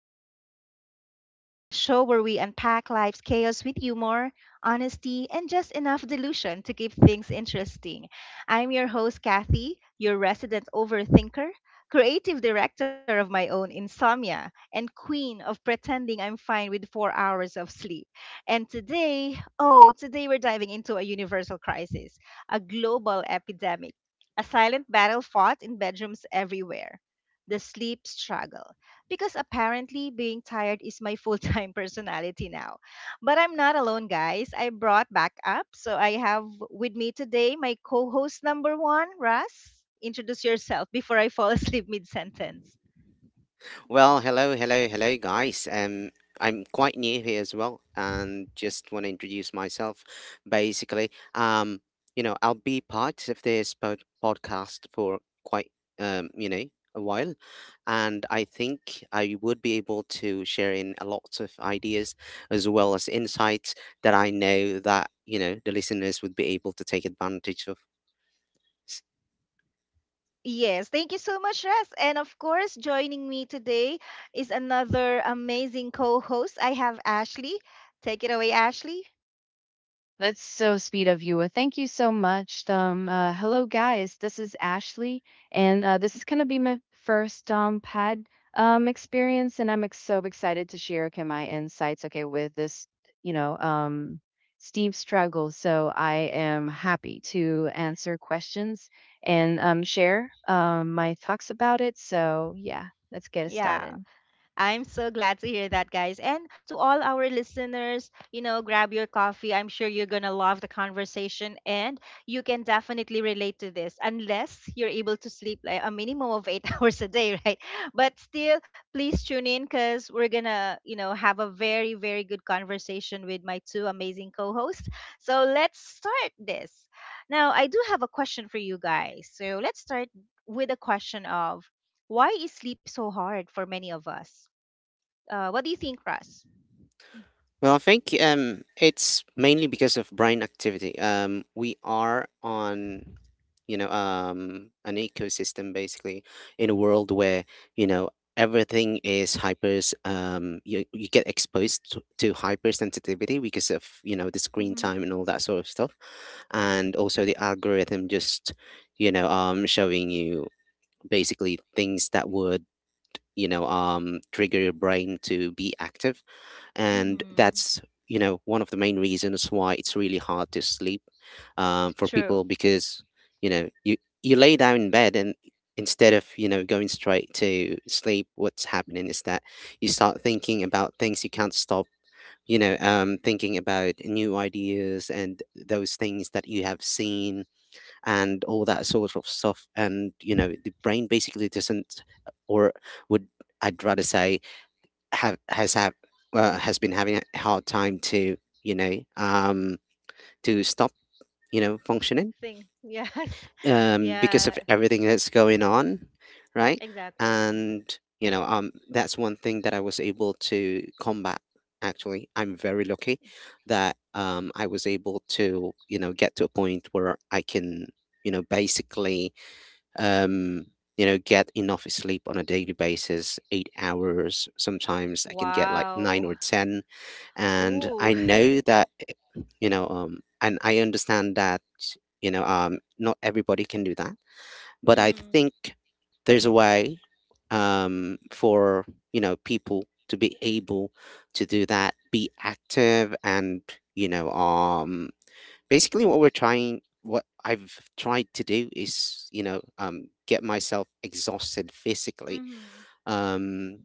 Kathy Talks, We Talk, the show where we unpack life's chaos with humor, honesty, and just enough delusion to keep things interesting. I'm your host, Kathy, your resident overthinker, creative director of my own insomnia, and queen of pretending I'm fine with 4 hours of sleep. And today, oh, today we're diving into a universal crisis, a global epidemic, a silent battle fought in bedrooms everywhere. The sleep struggle. Because apparently being tired is my full time personality now. But I'm not alone, guys. I brought back up. So I have with me today my co host number one, Russ. Introduce yourself before I fall asleep mid sentence. Well, hello, hello, hello, guys. I'm quite new here as well, and just want to introduce myself. Basically, I'll be part of this podcast for quite, um, you know, a while, and I think I would be able to share in a lot of ideas as well as insights that I know that the listeners would be able to take advantage of. Yes, thank you so much, Russ. And of course, joining me today is another amazing co host. I have Ashley. Take it away, Ashley. That's so sweet of you. Well, thank you so much. Hello, guys. This is Ashley, and this is gonna be my first pad experience, and I'm so excited to share okay, my insights. Okay, with this, you know, um Steam struggle. So I am happy to answer questions and share my thoughts about it. So yeah, let's get it Yeah. started. I'm so glad to hear that, guys. And to all our listeners, you know, grab your coffee. I'm sure you're going to love the conversation and you can definitely relate to this unless you're able to sleep like a minimum of eight hours a day, right? But still, please tune in because we're going to, you know, have a very good conversation with my two amazing co hosts. So let's start this. Now, I do have a question for you guys. So let's start with a question of, why is sleep so hard for many of us? What do you think, Russ? Well, I think it's mainly because of brain activity. We are on, an ecosystem basically, in a world where you know everything is hypers. You get exposed to, hypersensitivity because of the screen Mm-hmm. time and all that sort of stuff, and also the algorithm just showing you basically things that would trigger your brain to be active, and Mm-hmm. that's one of the main reasons why it's really hard to sleep for True. people, because you lay down in bed, and instead of going straight to sleep, what's happening is that you start thinking about things, you can't stop thinking about new ideas and those things that you have seen and all that sort of stuff. And you know, the brain basically doesn't, or would, I'd rather say, have has been having a hard time to you know um to stop functioning Think. Yes. Because of Yeah. everything that's going on, right? Exactly. And that's one thing that I was able to combat. Actually, I'm very lucky that I was able to get to a point where I can, you know basically um, get enough sleep on a daily basis, 8 hours. Sometimes I can get like nine Wow. or 10. And Ooh. I know that, and I understand that, not everybody can do that. But I Mm. think there's a way for, you know, people to be able to do that, be active, and, you know, um, basically what we're trying what I've tried to do is get myself exhausted physically, Mm-hmm. um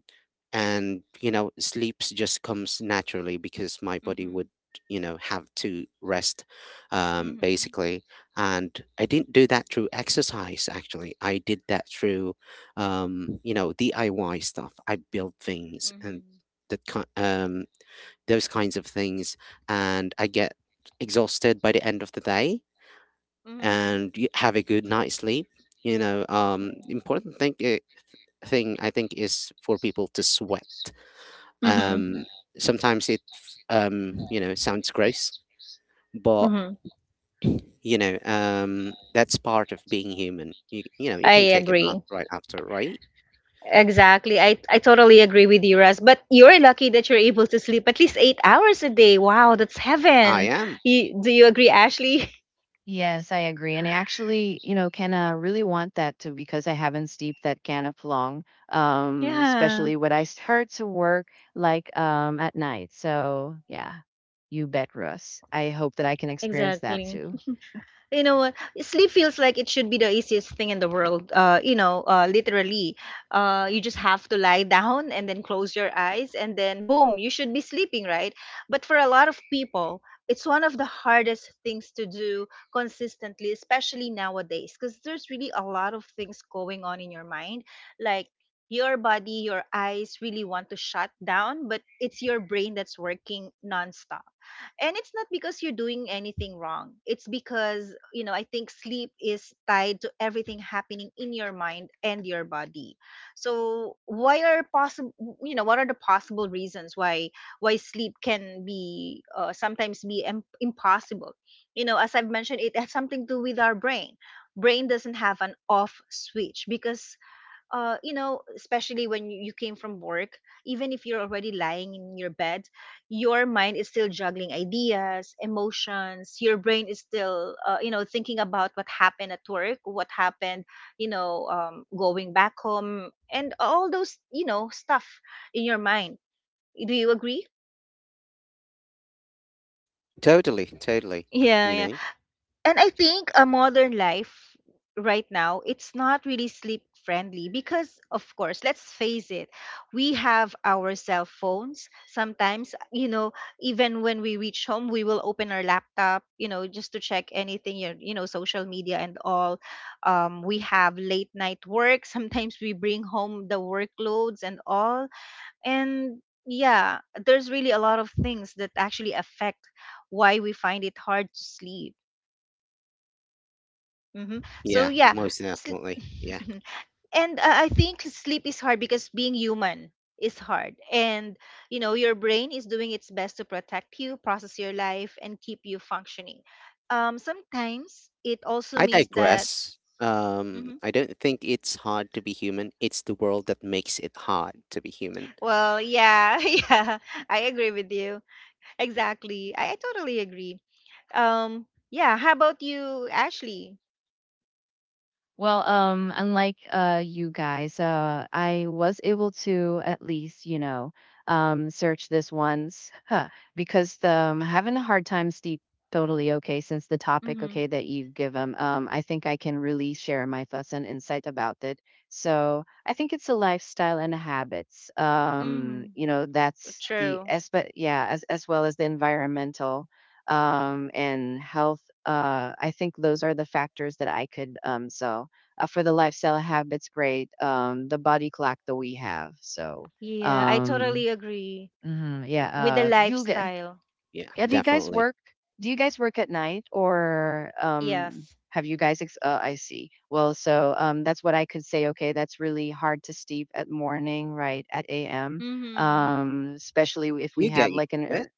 and sleeps just comes naturally because my body Mm-hmm. would have to rest, Mm-hmm. basically. And I didn't do that through exercise. Actually, I did that through DIY stuff. I built things and Mm-hmm. that kind, um those kinds of things. And I get exhausted by the end of the day Mm-hmm. and have a good night's sleep. You know, um, Right. important thing, I think, is for people to sweat. Mm-hmm. Um, sometimes it, you know, sounds gross, but Hmm. That's part of being human. You, you know, I you can take a agree. bath right after, right? Exactly. I totally agree with you, Russ. But you're lucky that you're able to sleep at least 8 hours a day. Wow, that's Yeah. I heaven. am You, do you agree, Ashley? Yes, I agree. And I actually, you know, can really want that too because I haven't steeped that can of long, Yeah. especially when I start to work like at night. So, yeah, you bet, Russ. I hope that I can experience that Exactly. too. You know what, sleep feels like it should be the easiest thing in the world. Literally, you just have to lie down and then close your eyes, and then boom, you should be sleeping, right? But for a lot of people, it's one of the hardest things to do consistently, especially nowadays, because there's really a lot of things going on in your mind. Like, your body, your eyes really want to shut down, but it's your brain that's working nonstop. And it's not because you're doing anything wrong. It's because, you know, I think sleep is tied to everything happening in your mind and your body. So why are possible you know, what are the possible reasons why sleep can be sometimes be impossible. You know, as I've mentioned, it has something to do with our brain. Brain doesn't have an off switch because, you know, especially when you came from work, even if you're already lying in your bed, your mind is still juggling ideas, emotions. Your brain is still, you know, thinking about what happened at work, what happened, you know, going back home, and all those, you know, stuff in your mind. Do you agree? totally, totally. You Yeah, know, and I think a modern life right now, it's not really sleep friendly, because of course, let's face it, we have our cell phones. Sometimes, you know, even when we reach home, we will open our laptop, you know, just to check anything, you know, social media and all. We have late night work, sometimes we bring home the workloads and all. And yeah, there's really a lot of things that actually affect why we find it hard to sleep. Hmm. So yeah, yeah, most sl- definitely, yeah. and I think sleep is hard because being human is hard. And you know, your brain is doing its best to protect you, process your life, and keep you functioning. Sometimes it also I means that. digress. Mhm. I don't think it's hard to be human. It's the world that makes it hard to be human. Well, yeah, yeah, I agree with you. Exactly, I totally agree. Yeah, how about you, Ashley? Well, unlike you guys, I was able to at least, you know, search this once huh, because having a hard time sleep totally okay since the topic Mm-hmm. okay that you've given. I think I can really share my thoughts and insight about it. So I think it's a lifestyle and habits. Mm-hmm. You know, that's the True. as but yeah, as well as the environmental and health I think those are the factors that I could so for the lifestyle habits great the body clock that we have so Yeah, I um totally agree mhm, yeah with the you get lifestyle. Yeah, yeah, do you guys definitely. work do you guys work at night or Yes. have you guys I see well so that's what I could say okay that's really hard to sleep at morning right at am Mhm. Especially if we You have get used like to it. an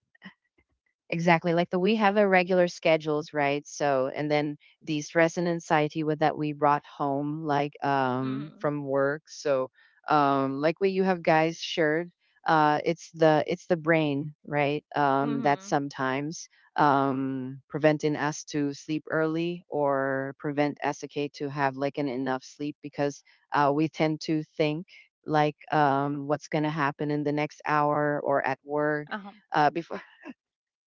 Exactly. Like the we have a regular schedules, right? So and then the stress and anxiety with that we brought home like Mhm. from work. So like what you have guys shared, it's the brain, right? That Mhm. sometimes preventing us to sleep early or prevent SK to have like an enough sleep because we tend to think like what's gonna happen in the next hour or at work Uh-huh. Before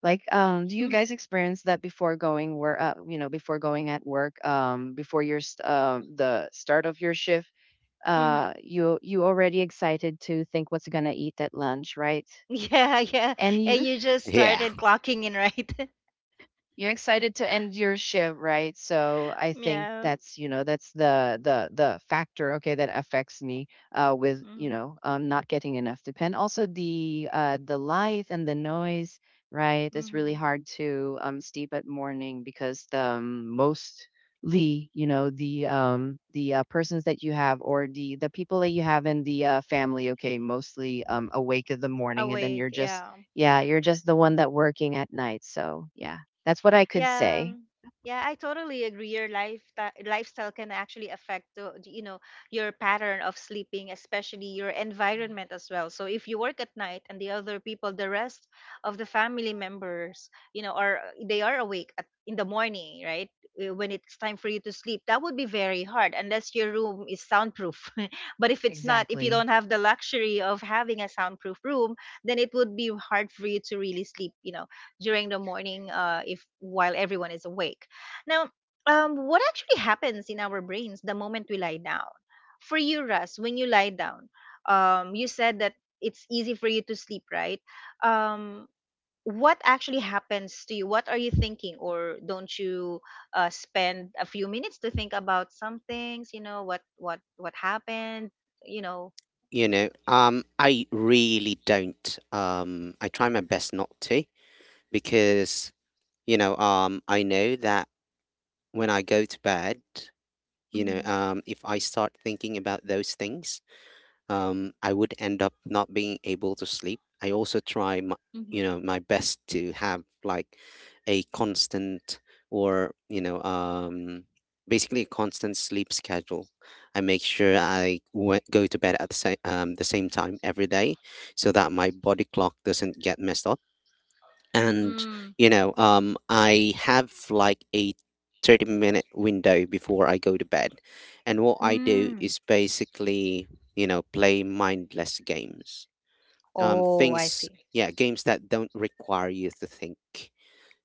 Like, do you guys experience that before going where, you know, before going at work, before the start of your shift, Mhm. You already excited to think what's gonna eat at lunch, right? Yeah, yeah. And And you you just Yeah, started clocking in, right? You're excited to end your shift, right? So I think Yeah. that's you know that's the factor okay that affects me with you Mhm. know not getting enough sleep, and also the light and the noise, right? It's really Mhm. hard to sleep at morning because the mostly you know the persons that you have or the people that you have in the family, okay, mostly awake in the morning, and then Awake. you're just Yeah. yeah you're just the one that working at night. So yeah. That's what I could Yeah. say. Yeah, I totally agree, your lifestyle can actually affect the, you know, your pattern of sleeping, especially your Mhm. environment as well. So if you work at night and the other people, the rest of the family members, you know, are, they are awake at, in the morning, right? When it's time for you to sleep, that would be very hard unless your room is soundproof. But if it's not, if you Exactly. don't have the luxury of having a soundproof room, then it would be hard for you to really sleep, you know, during the morning, if while everyone is awake. Now, what actually happens in our brains the moment we lie down? For you, Russ, when you lie down, you said that it's easy for you to sleep, right? um, what actually happens to you? What are you thinking? Or don't you spend a few minutes to think about some things, you know, what what happened, you know. I really don't. I try my best not to, because, I know that when I go to bed, Mm-hmm. If I start thinking about those things, I would end up not being able to sleep. I also try, my best, to have like a constant, or basically a constant sleep schedule. I make sure I go to bed at the same time every day, so that my body clock doesn't get messed up. And Mm-hmm. Mm. I have like a 30-minute window before I go to bed, and what I do Mm. is basically play mindless games, Oh, I things see. yeah games that don't require you to think,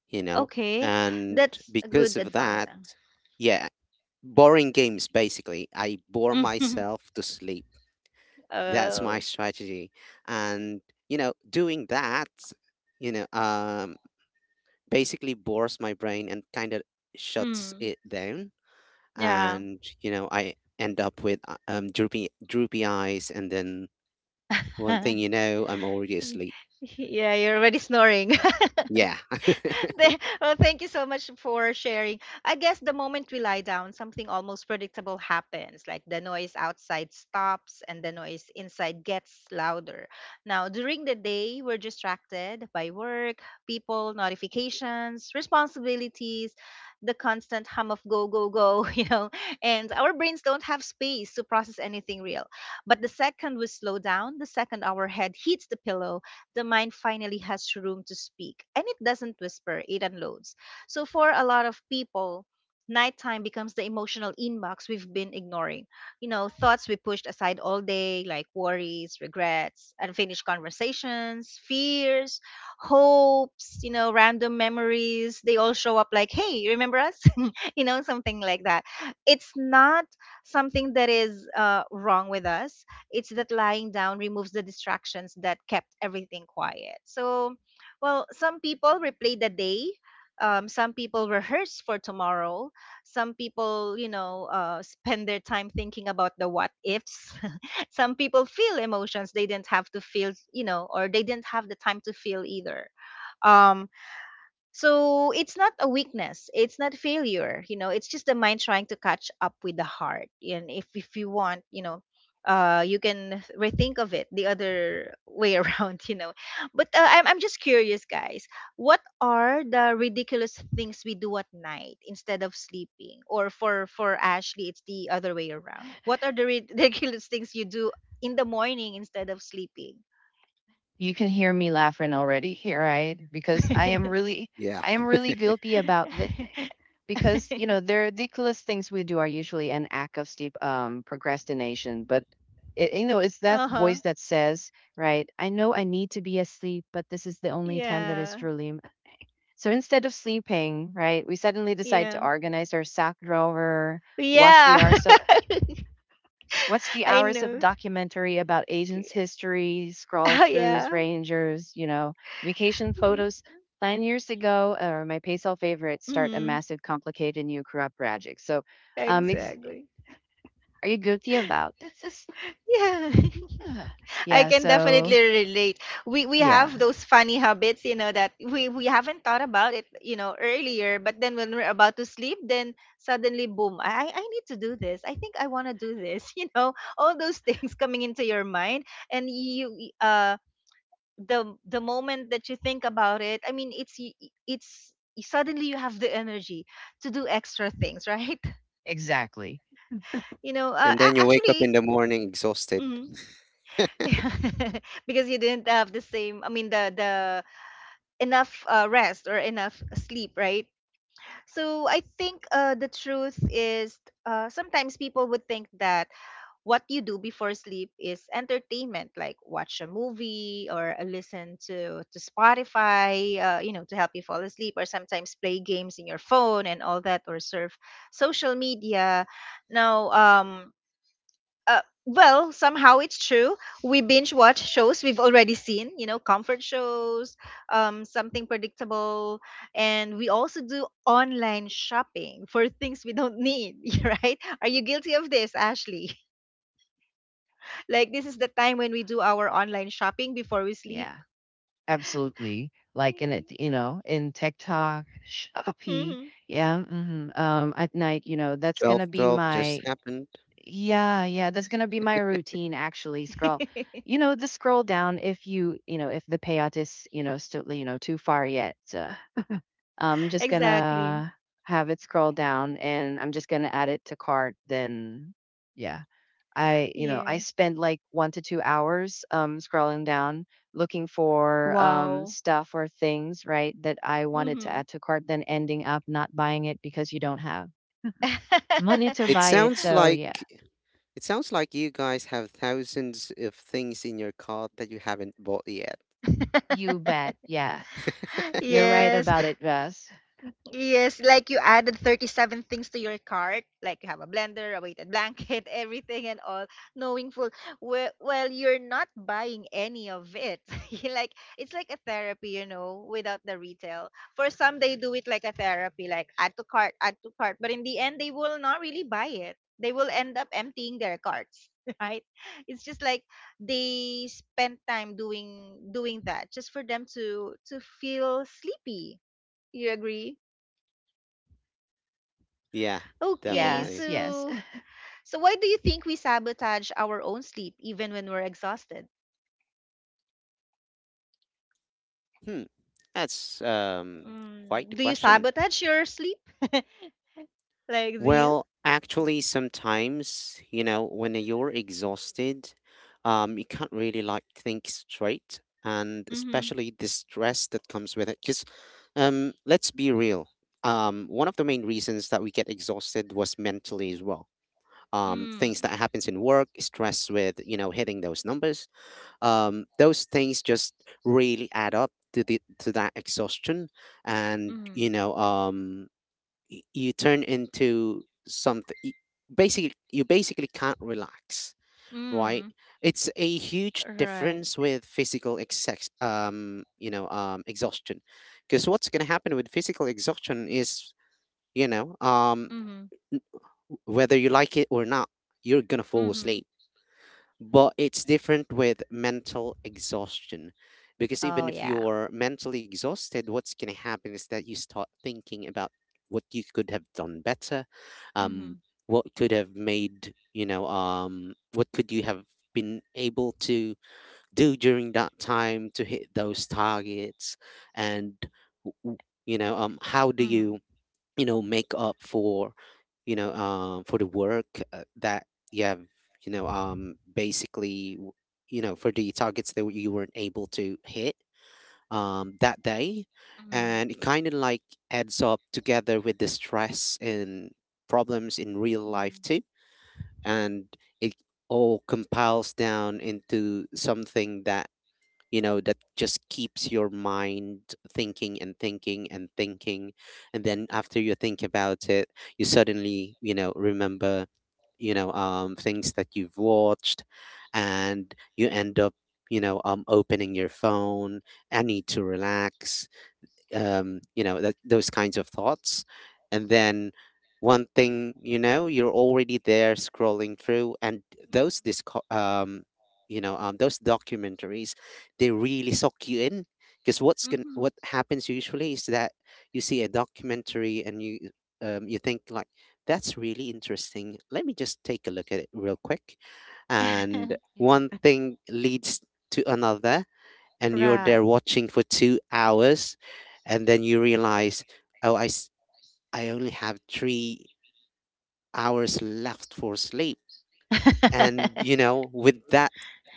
you know. Okay, And that's a good because of advice. that, Ah. yeah, boring games, basically I bore myself to sleep. That's my Oh, strategy. And doing that, you know um basically, bores my brain and kind of shuts mm, it down. yeah. And I end up with droopy droopy eyes, and then one thing you know, I'm already asleep. Yeah, you're already snoring. Yeah. Well, thank you so much for sharing. I guess the moment we lie down, something almost predictable happens. Like, the noise outside stops and the noise inside gets louder. Now, during the day, we're distracted by work, people, notifications, responsibilities, the constant hum of go, go, go, you know, and our brains don't have space to process anything real. But the second we slow down, the second our head hits the pillow, the mind finally has room to speak, and it doesn't whisper, it unloads. So, for a lot of people, nighttime becomes the emotional inbox we've been ignoring. You know, thoughts we pushed aside all day, like worries, regrets, unfinished conversations, fears, hopes, you know, random memories. They all show up like, hey, you remember us? You know, something like that. It's not something that is wrong with us. It's that lying down removes the distractions that kept everything quiet. So, well, some people replay the day. Some people rehearse for tomorrow. Some people, you know, spend their time thinking about the what ifs. Some people feel emotions they didn't have to feel, you know, or they didn't have the time to feel either. Um, so it's not a weakness. It's not failure. You know, it's just the mind trying to catch up with the heart. And if you want, you know, you can rethink of it the other way around. You know, but I'm just curious, guys. What are the ridiculous things we do at night instead of sleeping? Or for Ashley, it's the other way around. What are the ridiculous things you do in the morning instead of sleeping? You can hear me laughing already here, right? Because yeah. I am really guilty about this. Because you know, the ridiculous things we do are usually an act of steep procrastination. But it, you know, it's that Uh huh. voice that says, right? I know I need to be asleep, but this is the only time that is Yeah. truly. M-" So instead of sleeping, right, we suddenly decide Yeah. to organize our sack drawer, wash the Yeah. arse, what's the I hours of know. documentary about agents' history, scroll Yeah. throughs, rangers, you know, vacation photos? Plan years ago, or my PaySell favorites start a Mm-hmm. massive, complicated new corrupt project. So, um, ex- Exactly. are you guilty about this? Is, Yeah. Ugh. I Yeah. can So, definitely relate. We have yeah, those funny habits, you know, that we haven't thought about it, you know, earlier, but then when we're about to sleep, then suddenly boom, I need to do this. I think I want to do this, you know, all those things coming into your mind. And you the moment that you think about it, I mean, it's y- y- it's y- suddenly you have the energy to do extra things, right? exactly. You know, And then you wake up in actually. the morning exhausted. Mhm. Because you didn't have the same, I mean, the enough rest or enough sleep, right? So I think, the truth is, sometimes people would think that what you do before sleep is entertainment, like watch a movie, or listen to Spotify, you know, to help you fall asleep, or sometimes play games in your phone and all that, or surf social media. Now, well, somehow it's true, we binge watch shows we've already seen, you know, comfort shows, um, something predictable. And we also do online shopping for things we don't need, right? Are you guilty of this, Ashley? Like, this is the time when we do our online shopping before we sleep. Yeah, absolutely. Like in it, you know, in TikTok, Shopee. Mm-hmm. Yeah. Mhm. At night, you know, that's gonna 12 be 12 just my happened. Yeah, yeah, that's gonna be my routine actually. Scroll, you know, the scroll down. If you, you know, if the payout is, you know, still, you know, too far yet, I'm just Exactly. gonna have it scroll down, and I'm just gonna add it to cart. Then, yeah, I, you know, I Yeah. spend like 1 to 2 hours, scrolling down, looking for, Wow. stuff or things, right, that I wanted to Mm-hmm. add to cart. Then ending up not buying it because you don't have money to it buy it. sounds So like yeah, it sounds like you guys have thousands of things in your cart that you haven't bought yet. you bet, yes. You're right Yes. about it, Russ. Yes, like you added 37 things to your cart, like you have a blender, a weighted blanket, everything and all, knowing full well you're not buying any of it. You like, it's like a therapy, you know, without the retail. For some, they do it like a therapy, like add to cart, but in the end they will not really buy it. They will end up emptying their carts, right? It's just like they spend time doing that just for them to feel sleepy. You agree? Yeah, Okay, definitely. Yes, yes. so why do you think we sabotage our own sleep even when we're exhausted? Hmm that's Quite Mm, the do you question. sabotage your sleep? Like do you? Well, actually, sometimes, you know, when you're exhausted, you can't really, like, think straight, and Mm-hmm. especially the stress that comes with it. Because, let's be real, one of the main reasons that we get exhausted was mentally as well. Things Mm. that happens in work, stress with, you know, hitting those numbers, those things just really add up to the to that exhaustion, and Mm. you turn into something, basically you basically can't relax, right? Mm. It's a huge Right. difference with physical exex you know exhaustion, because what's going to happen with physical exhaustion is, you know um Mm-hmm. whether you like it or not, you're going to fall Mm-hmm. asleep. Mm. But it's different with mental exhaustion, because even Oh if yeah. you're mentally exhausted, what's going to happen is that you start thinking about what you could have done better, um Mm-hmm. what could have made, what could you have been able to do during that time to hit those targets. And w- w- how do you, Mm-hmm. you know make up for, for the work that you have, basically, for the targets that you weren't able to hit that day. Mm-hmm. And it kind of like adds up together with the stress and problems in real life too. Mm-hmm. And it all compiles down into something that just keeps your mind thinking and thinking and thinking. And then after you think about it, you suddenly remember things that you've watched, and you end up opening your phone. I need to relax, you know, that, those kinds of thoughts. And then one thing you know, you're already there, scrolling through, and those disco- um those documentaries, they really suck you in. Because Mm-hmm. what happens usually is that you see a documentary and you you think like, that's really interesting, let me just take a look at it real quick. Mm-hmm. And one Yeah. thing leads to another, and you're Right. there watching for 2 hours. And then you realize, oh, I only have 3 hours left for sleep. And with that,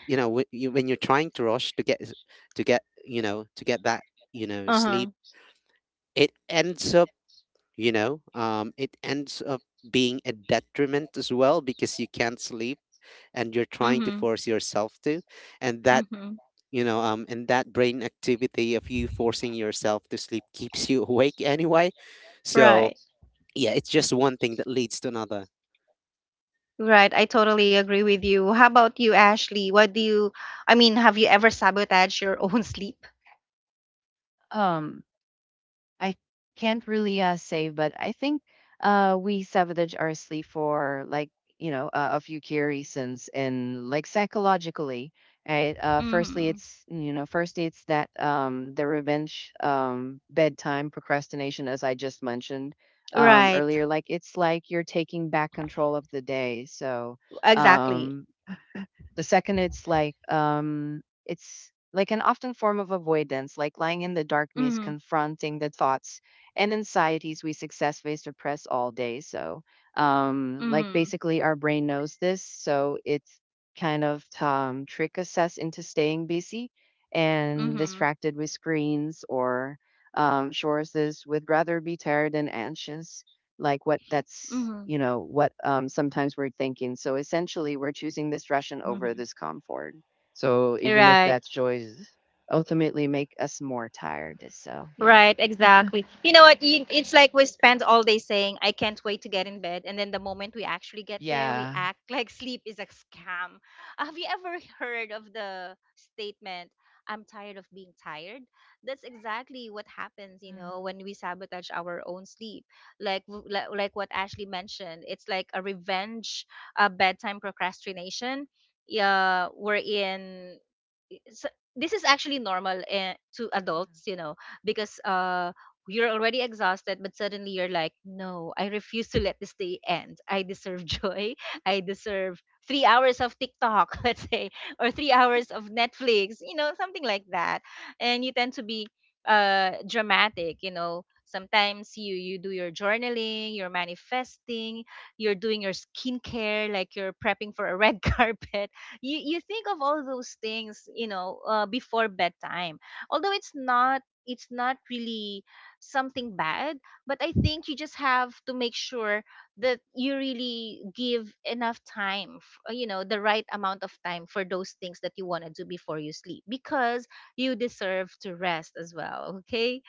when you're trying to rush to get s- to get you know to get that Uh-huh. sleep, it ends up, it ends up being a detriment as well, because you can't sleep, and you're trying to Mm-hmm. force yourself to. And that Mm-hmm. you know um and that brain activity of you forcing yourself to sleep keeps you awake anyway. So Right. yeah, it's just one thing that leads to another. Right, I totally agree with you. How about you, Ashley? What do you, I mean, have you ever sabotaged your own sleep? Um, I can't really say, but I think we sabotage our sleep for like you know a few key reasons, and like psychologically, right? Firstly, Mm-hmm. it's you know first it's that the revenge bedtime procrastination, as I just mentioned Right, earlier. Like it's like you're taking back control of the day, so. exactly. Um, The second, it's like an often form of avoidance, like lying in the dark means Mm-hmm. confronting the thoughts and anxieties we successfully suppress all day. So, like Mm-hmm. basically, our brain knows this, so it's kind of trick us into staying busy and Mm-hmm. distracted with screens or sources would rather be tired and anxious like what that's Mm-hmm. you know what sometimes we're thinking so essentially we're choosing distraction over Mm-hmm. this comfort so even if Right. that's joys ultimately make us more tired so yeah Right, exactly. You know what? It's like we spend all day saying, I can't wait to get in bed. And then the moment we actually get there, we yeah. act like sleep is a scam. Have you ever heard of the statement, I'm tired of being tired? That's exactly what happens, you know, Mm, when we sabotage our own sleep. Like, like what Ashley mentioned, it's like a revenge, a bedtime procrastination. Yeah, we're in it's, this is actually normal eh, to mm, adults, you know, because you're already exhausted, but suddenly you're like, no, I refuse to let this day end. I deserve joy. I deserve 3 hours of TikTok, let's say, or 3 hours of Netflix, you know, something like that. And you tend to be dramatic, you know. Sometimes you do your journaling, you're manifesting, you're doing your skincare, like you're prepping for a red carpet. You think of all those things, you know, before bedtime, although it's not really something bad. But I think you just have to make sure that you really give enough time, you know, the right amount of time for those things that you want to do before you sleep, because you deserve to rest as well. Okay,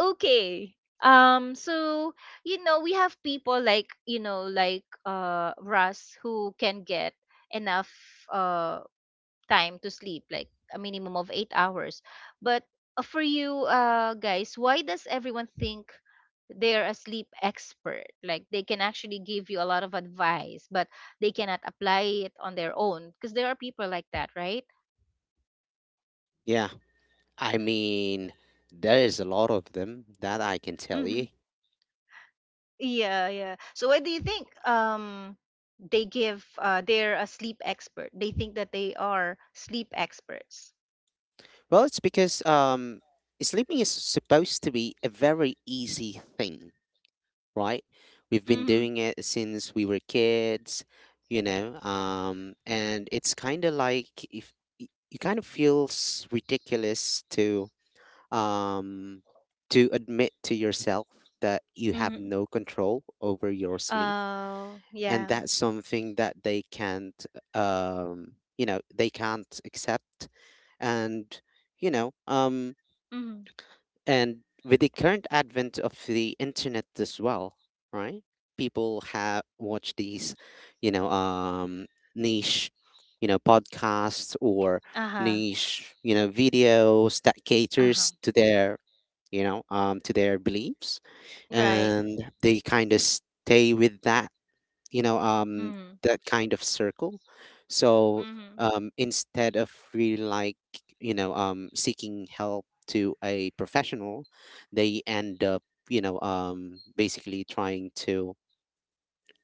okay. So, you know, we have people like, you know, like Russ who can get enough uh time to sleep, like a minimum of 8 hours. But for you guys, why does everyone think they're a sleep expert? Like they can actually give you a lot of advice, but they cannot apply it on their own, because there are people like that, right? Yeah, I mean, there is a lot of them, that I can tell Mm-hmm. you. Yeah, yeah. So what do you think? They give, they're a sleep expert. They think that they are sleep experts. Well, it's because sleeping is supposed to be a very easy thing, right? We've been Mm-hmm. doing it since we were kids. And it's kind of like, if you, kind of feels ridiculous to, um, to admit to yourself that you have Mm-hmm. no control over your sleep. And Yeah. that's something that they can't accept. And you know um, Mm-hmm. and with the current advent of the internet as well, right? People have watch these, you know um niche, podcasts, or Uh huh. niche, videos that Uh huh. caters to their you know to their beliefs, Right. and they kind of stay with that, you know um Mm. that kind of circle. So, Mhm. Instead of really, like, seeking help to a professional, they end up, basically, trying to,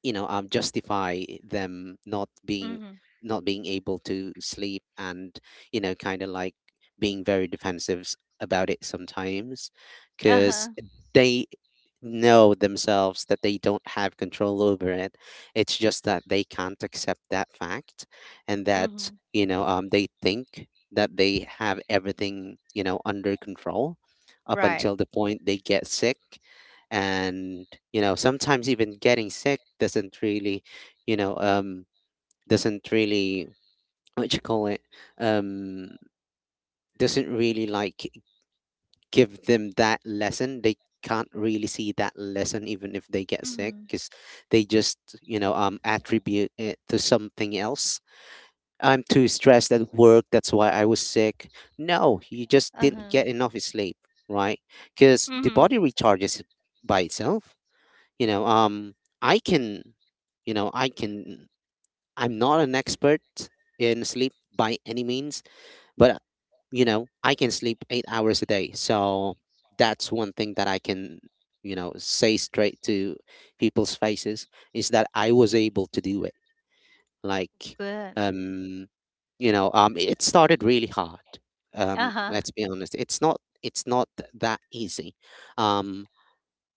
justify them Mhm. not being able to sleep, and kind of like, being very defensive about it sometimes, because Uh-huh. they know themselves that they don't have control over it. It's just that they can't accept that fact, and that Mhm. They think that they have everything, under control, up until Right. the point they get sick. And sometimes even getting sick doesn't really, you know doesn't really what you call it um doesn't really like give them that lesson. They can't really see that lesson even if they get sick, Mhm. because they just attribute it to something else. I'm too stressed at work, that's why I was sick. No, you just didn't Uh-huh. get enough sleep, right? Because the Mhm. body recharges by itself. You know I can you know I can I'm not an expert in sleep by any means, but I can sleep 8 hours a day, so that's one thing that I can say straight to people's faces, is that I was able to do it. Like, Good. um it started really hard. Uh-huh. Let's be honest, it's not that easy. Um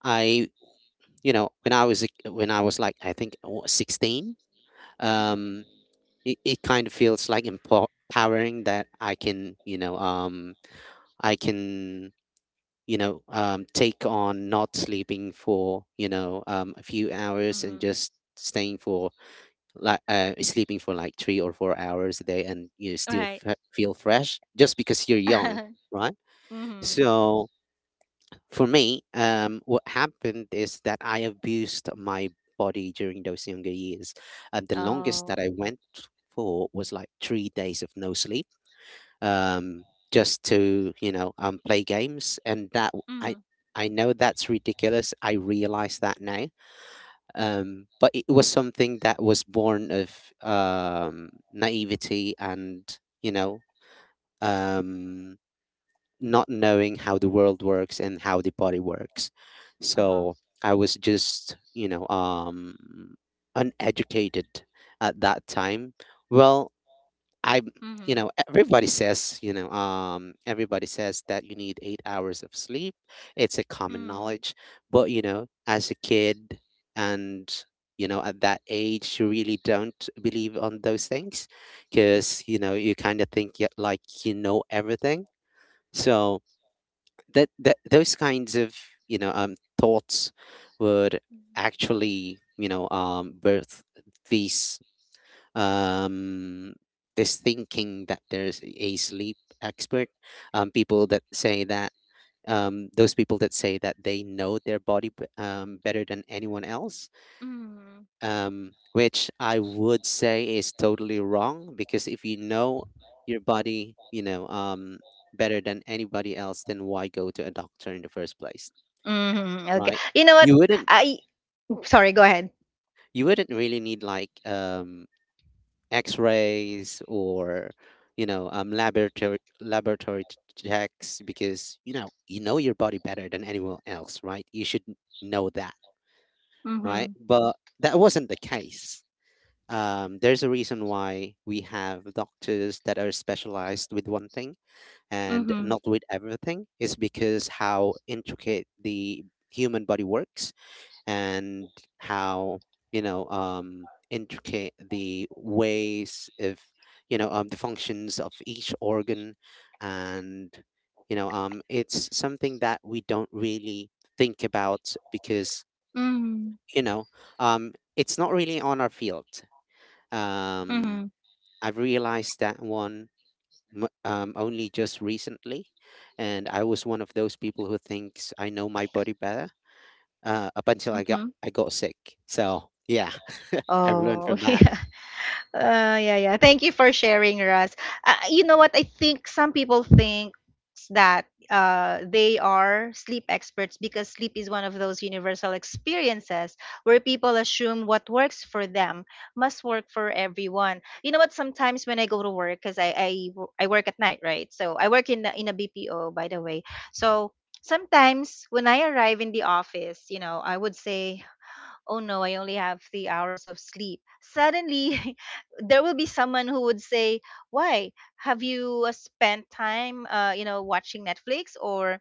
I when I was a- when I was, like, I think 16. um Mhm. it kind of feels like empowering that I can i can take on not sleeping for a few hours and Mhm. just staying for, like, sleeping for like 3 or 4 hours a day and you still Right. Feel fresh just because you're young, Uh-huh. right? Mhm. So for me, what happened is that I abused my body during those younger years. And the longest Oh. that I went for was like 3 days of no sleep, um, just to, play games. And Mhm. I know that's ridiculous. I realize that now. But it was something that was born of naivety and, you know, um, not knowing how the world works and how the body works. Uh-huh. So I was just, uneducated at that time. Well, I, Mhm. Everybody says, everybody says that you need 8 hours of sleep. It's a common Mhm. knowledge, but as a kid and at that age you really don't believe on those things because you kind of think like everything. So that those kinds of thoughts would actually birth these, um, this thinking that there's a sleep expert, people that say that those people that say that they know their body better than anyone else, Mhm. Which I would say is totally wrong, because if you know your body better than anybody else, then why go to a doctor in the first place? Mhm. Okay. Right? You know what? You wouldn't, I, sorry, go ahead. you wouldn't really need like, X-rays or laboratory checks, because you know your body better than anyone else, right? You should know that, right? Mhm. But that wasn't the case. There's a reason why we have doctors that are specialized with one thing and Mhm. not with everything. Is because how intricate the human body works, and how intricate the ways, if the functions of each organ, and it's something that we don't really think about because Mhm. you know it's not really on our field. Mhm. Um, I've realized that only just recently, and I was one of those people who thinks I know my body better, up until Mhm. I got sick. So yeah. I've learned Oh, from that. yeah. Yeah, yeah. Thank you for sharing, Russ. You know what? I think some people think thoughts that they are sleep experts, because sleep is one of those universal experiences where people assume what works for them must work for everyone. You know what? Sometimes when I go to work, because I work at night, right? So I work in in a BPO, by the way. So sometimes when I arrive in the office, you know, I would say, oh no, I only have 3 hours of sleep. Suddenly, there will be someone who would say, why? Have you spent time, you know, watching Netflix, or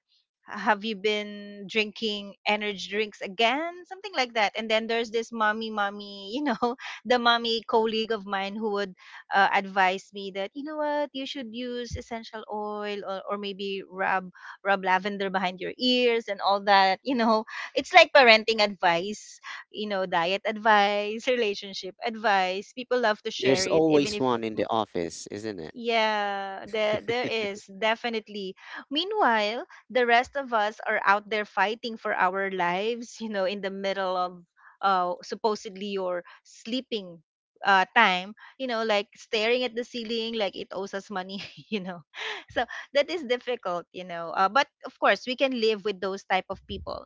have you been drinking energy drinks again? Something like that. And then there's this mommy, you know, the mommy colleague of mine who would advise me that, you know what, you should use essential oil, or maybe rub lavender behind your ears and all that, you know. It's like parenting advice, you know, diet advice, relationship advice. People love to share There's it even always if one in the office, isn't it? yeah, there is definitely. Meanwhile, the rest of us are out there fighting for our lives, you know, in the middle of supposedly your sleeping time, you know, like staring at the ceiling like it owes us money, you know. So that is difficult, you know. But of course, we can live with those type of people.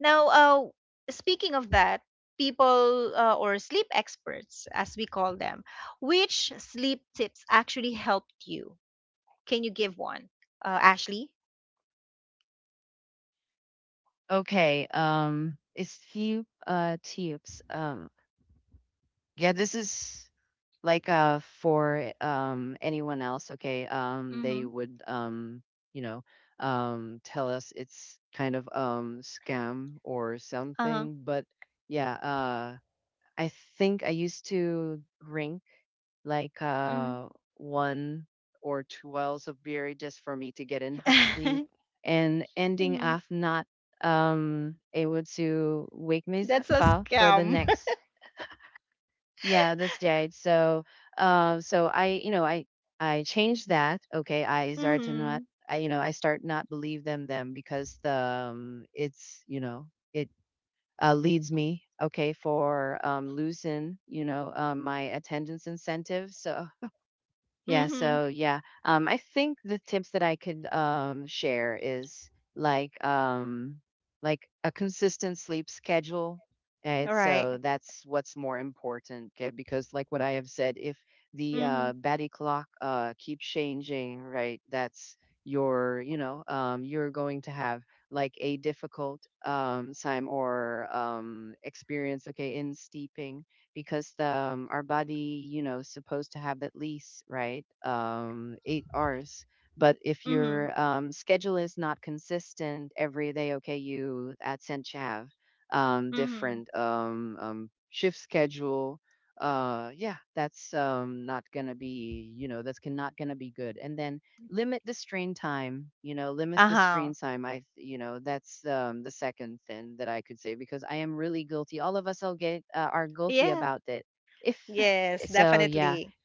Now, speaking of that, people, or sleep experts as we call them, which sleep tips actually helped you? Can you give one, Ashley? okay it's few tips. Um, yeah, this is like for anyone else, okay? They Mm-hmm. would you know tell us it's kind of scam or Uh something, but yeah, I think I used to drink like Mm-hmm. One or two wells of beer just for me to get enough sleep huh. and ending Mm-hmm. up not able to wake That's myself a up for the scam. next yeah, this date. So, uh, so I, you know, I I changed that. Okay, I started to Mm-hmm. not, I, you know, I start not believe them because the it's, you know, it leads me okay for losing, you know, my attendance incentive. So yeah, Mm-hmm. so yeah. I think the tips that I could share is like um like a consistent sleep schedule. And All right. so that's what's more important okay, because like what I have said, if the Mm-hmm. uh body clock keeps changing, right, that's you know, you're going to have like a difficult time or experience okay in sleeping because the our body, you know, is supposed to have at least right 8 hours. But if Mm-hmm. your schedule is not consistent every day, okay, you at Sinch have um, Mm-hmm. different um, um, shift schedule. Yeah, that's not gonna be, you know, not gonna be good. And then limit the screen time, you know, limit Uh the huh. screen time. I, you know, that's the second thing that I could say because I am really guilty. All of us will get are guilty Yeah. about it. If Yes, so, yeah. definitely.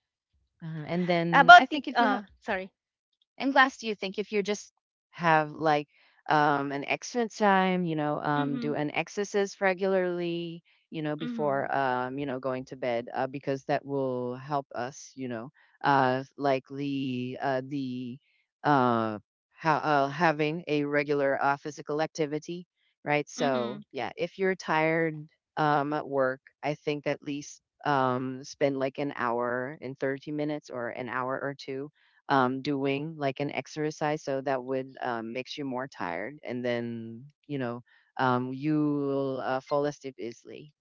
And then I About the think if you have sorry. and last, do you think if you just have like an excellent time, you know, Mm-hmm. do an exercise regularly, you know, Mm-hmm. before, you know, going to bed, because that will help us, you know, uh, likely uh, the uh, having a regular physical activity, right? So, Mm-hmm. yeah, if you're tired at work, I think at least spend like an hour and 30 minutes or an hour or two doing like an exercise so that would makes you more tired and then you know you will fall asleep easily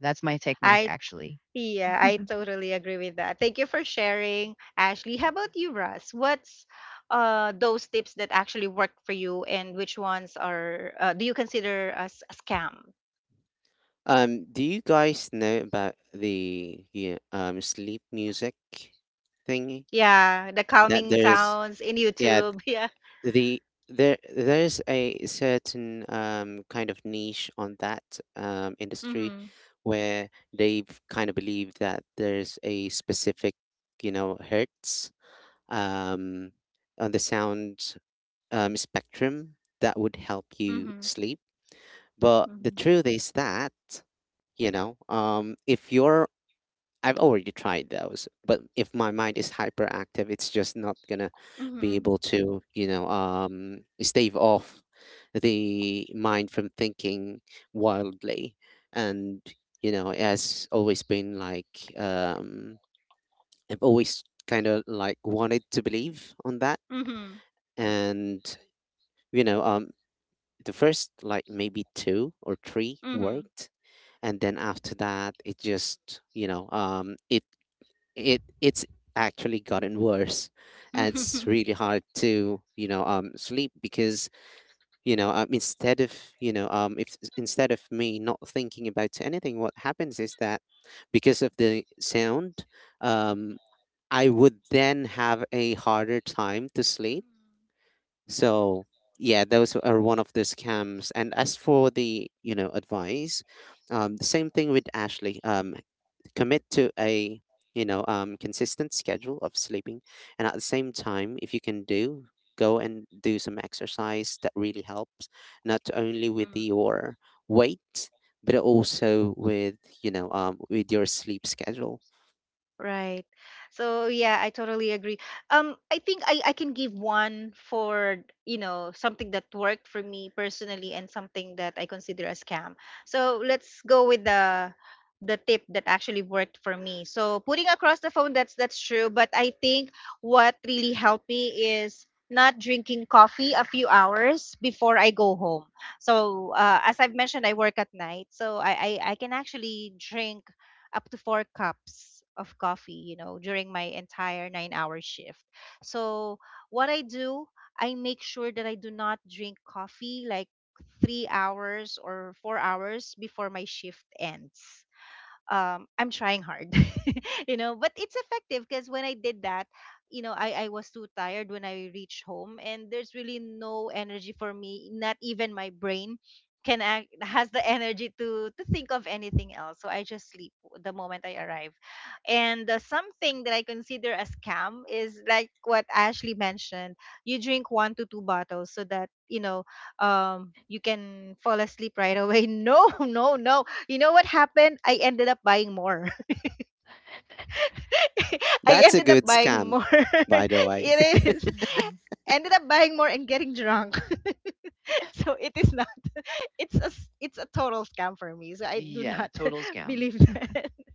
that's my technique I actually. Yeah, I totally agree with that. Thank you for sharing, Ashley. How about you, Russ? What's those tips that actually work for you, and which ones are do you consider as a scam? Do you guys know about the, yeah, sleep music thingy? Yeah, the That calming Mm, there's, sounds in yeah, YouTube. Yeah. the there's a certain kind of niche on that industry Mhm. where they kind of believe that there's a specific hertz um on the sound spectrum that would help you Mhm. sleep. But the truth is that, you know, if you're, I've already tried those, but if my mind is hyperactive, it's just not gonna be Mhm. able to, stave off the mind from thinking wildly. And, it has always been like, I've always kind of like wanted to believe on that. Mhm. And, you know, um, the first like maybe two or three Mhm. worked, and then after that it just it it's actually gotten worse, and it's Mhm. really hard to sleep, because instead of if instead of me not thinking about anything, what happens is that because of the sound, um I would then have a harder time to sleep. So yeah, those are one of the scams. And as for the advice, the same thing with Ashley. Commit to a consistent schedule of sleeping, and at the same time, if you can do, go and do some exercise. That really helps, not only with Mhm. your weight, but also with with your sleep schedule. Right. So yeah, I totally agree. I think I can give one for, you know, something that worked for me personally and something that I consider a scam. So let's go with the tip that actually worked for me. So putting across the phone, that's true, but I think what really helped me is not drinking coffee a few hours before I go home. So as I've mentioned, I work at night, so I can actually drink up to 4 cups of coffee, you know, during my entire 9 hour shift. So, what I do, I make sure that I do not drink coffee like 3 hours or 4 hours before my shift ends, I'm trying hard, you know. But it's effective because when I did that, you know, I was too tired when I reached home, and there's really no energy for me. Not even my brain can act, has the energy to think of anything else. So I just sleep the moment I arrive. And something that I consider a scam is like what Ashley mentioned. You drink one to two bottles so that you know you can fall asleep right away. No, no, no. You know what happened? I ended up buying more. I That's a ended up good buying scam, more. by the way. It is Mm-mm. ended up buying more and getting drunk. So it is not. It's a it's a total scam for me. So I do Yeah, not total scam. believe that.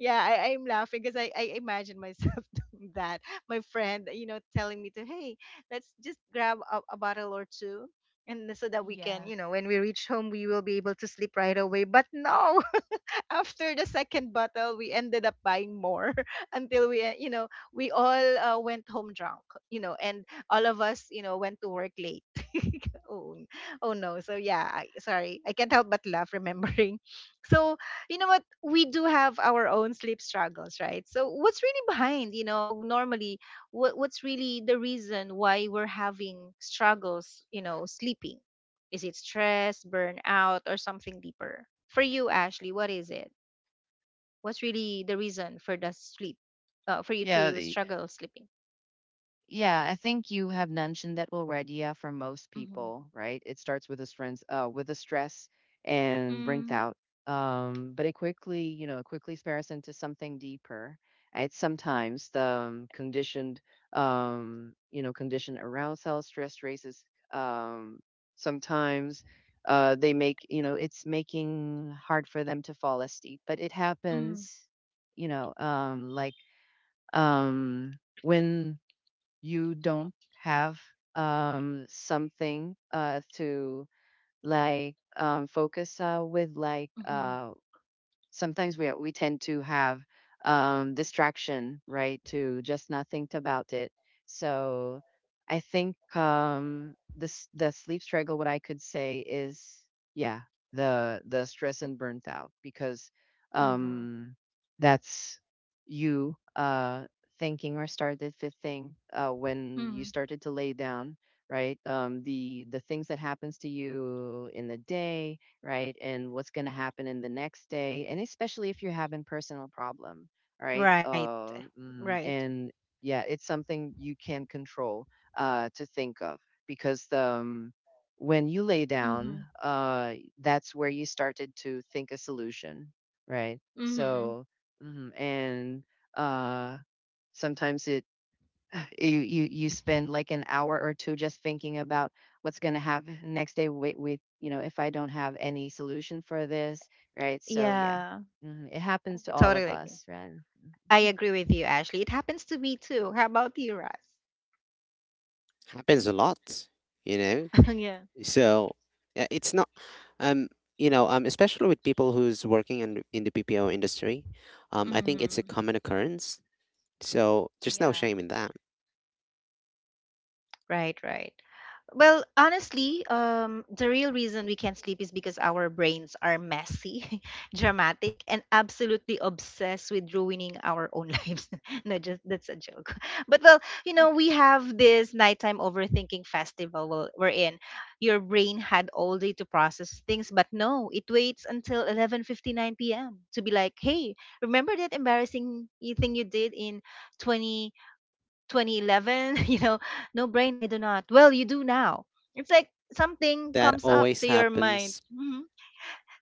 Yeah, I'm laughing because I imagine myself doing that. My friend, you know, telling me to hey, let's just grab a bottle or two. And so that we can, Yeah. you know, when we reach home, we will be able to sleep right away. But no, after the 2nd bottle, we ended up buying more until we, you know, we all went home drunk, you know, and all of us, you know, went to work late. Oh, oh no. So yeah, I, sorry. I can't help but laugh remembering. So, you know what? We do have our own sleep struggles, right? So, what's really behind, you know, normally, what's really the reason why we're having struggles, you know, sleeping? Is it stress, burnout, or something deeper? For you, Ashley, what is it? What's really the reason for the sleep, for you Yeah. to struggle sleeping? Yeah, I think you have mentioned that already. Yeah, for most Mm-hmm. people, right? It starts with the stress and burnt Mm, out. But it quickly, you know, quickly spares into something deeper. And sometimes the conditioned, you know, conditioned arousal stress races. Um, sometimes they make, you know, it's making hard for them to fall asleep. But it mm, happens, you know, like when you don't have something to like focus with like hmm sometimes we tend to have distraction right to just not think about it so I think this the sleep struggle what I could say is yeah the stress and burnt out because hmm um that's you thinking or started fitting when you hmm. started to lay down right the things that happens to you in the day right? And what's going to happen in the next day, and especially if you're having personal problem, right? Right, right. And yeah, it's something you can control to think of because when you lay down, Hmm. That's where you started to think a solution, right? Hmm. So, mhm, and uh, sometimes it you you you spend like an hour or two just thinking about what's going to happen next day with, if I don't have any solution for this, right? So yeah. Yeah, Mhm. It happens I to all totally of agree. us, right? I agree with you, Ashley. It happens to me too. How about you, Ross? Happens a lot, you know. Yeah. So it's not, um, especially with people who's working in the BPO industry, I think it's Hmm. a common occurrence. So there's no Yeah. shame in that. Right, right. Well, honestly, the real reason we can't sleep is because our brains are messy, dramatic, and absolutely obsessed with ruining our own lives. No, just that's a joke. But well, you know, we have this nighttime overthinking festival we're in. Your brain had all day to process things, but no, it waits until 11:59 p.m. to be like, "Hey, remember that embarrassing thing you did in 2011," you know. No brain, I do not. Well, you do now. It's like something That comes up always to your mind. happens. Mhm.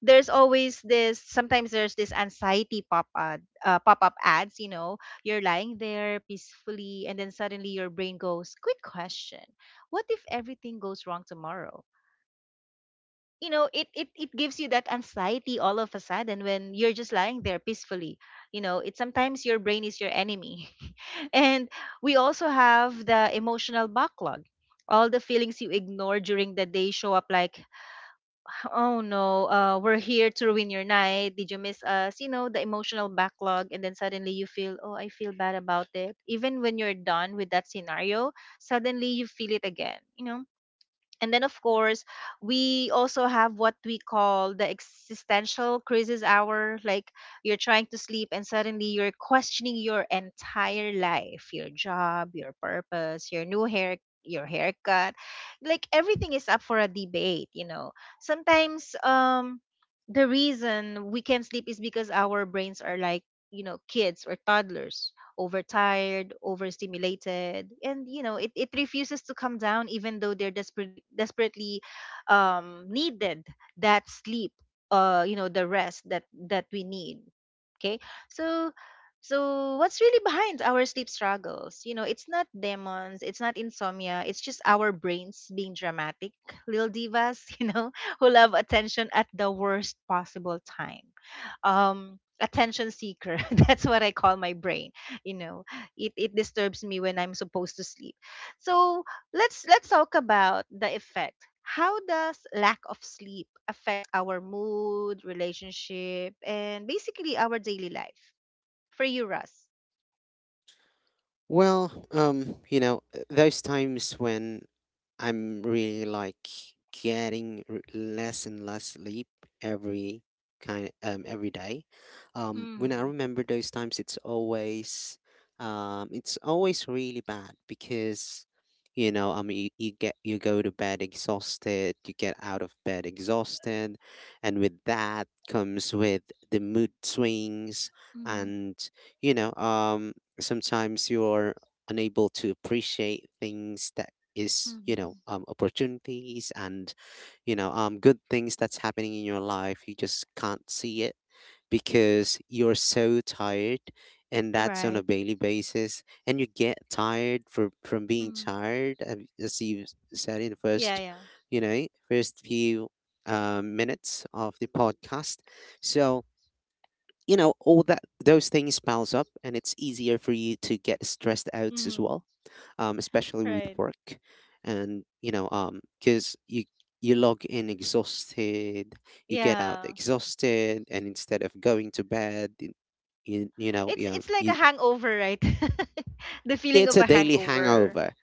There's always this, sometimes there's this anxiety pop up ads. You know, you're lying there peacefully, and then suddenly your brain goes, quick question, what if everything goes wrong tomorrow? You know, it it gives you that anxiety all of a sudden when you're just lying there peacefully. You know, it's sometimes your brain is your enemy. And we also have the emotional backlog. All the feelings you ignore during the day show up like, oh no, we're here to ruin your night. Did you miss us? You know, the emotional backlog. And then suddenly you feel, oh, I feel bad about it. Even when you're done with that scenario, suddenly you feel it again. You know, and then, of course, we also have what we call the existential crisis hour. Like you're trying to sleep and suddenly you're questioning your entire life, your job, your purpose, your new hair, your haircut. Like everything is up for a debate, you know. Sometimes the reason we can't sleep is because our brains are like, you know, kids or toddlers overtired, overstimulated, and you know it refuses to come down even though they're desperately needed that sleep, you know the rest that we need. Okay, so so what's really behind our sleep struggles? You know, it's not demons, it's not insomnia, it's just our brains being dramatic, little divas, you know, who love attention at the worst possible time. Attention seeker, that's what I call my brain, you know. It disturbs me when I'm supposed to sleep. So let's talk about the effect. How does lack of sleep affect our mood, relationship, and basically our daily life, for you, Russ? Well, those times when I'm really like getting less and less sleep every kind every day. Mm-hmm. When I remember those times, it's always really bad because I mean you go to bed exhausted, you get out of bed exhausted, and with that comes with the mood swings Mm-hmm. and you know um sometimes you're unable to appreciate things that is Mm-hmm. Opportunities and good things that's happening in your life. You just can't see it because you're so tired, and that's on a Right. daily basis. And you get tired for, from being Mm-hmm. tired, as you said in the Yeah, first, yeah. First few minutes of the podcast. So all that, those things piles up, and it's easier for you to get stressed out as Mm-hmm. well, especially with Right. work. And because you log in exhausted, you get out Yeah, exhausted, and instead of going to bed you, you know it's yeah, it's like a you, hangover, right? The feeling it's of a a daily hangover. hangover.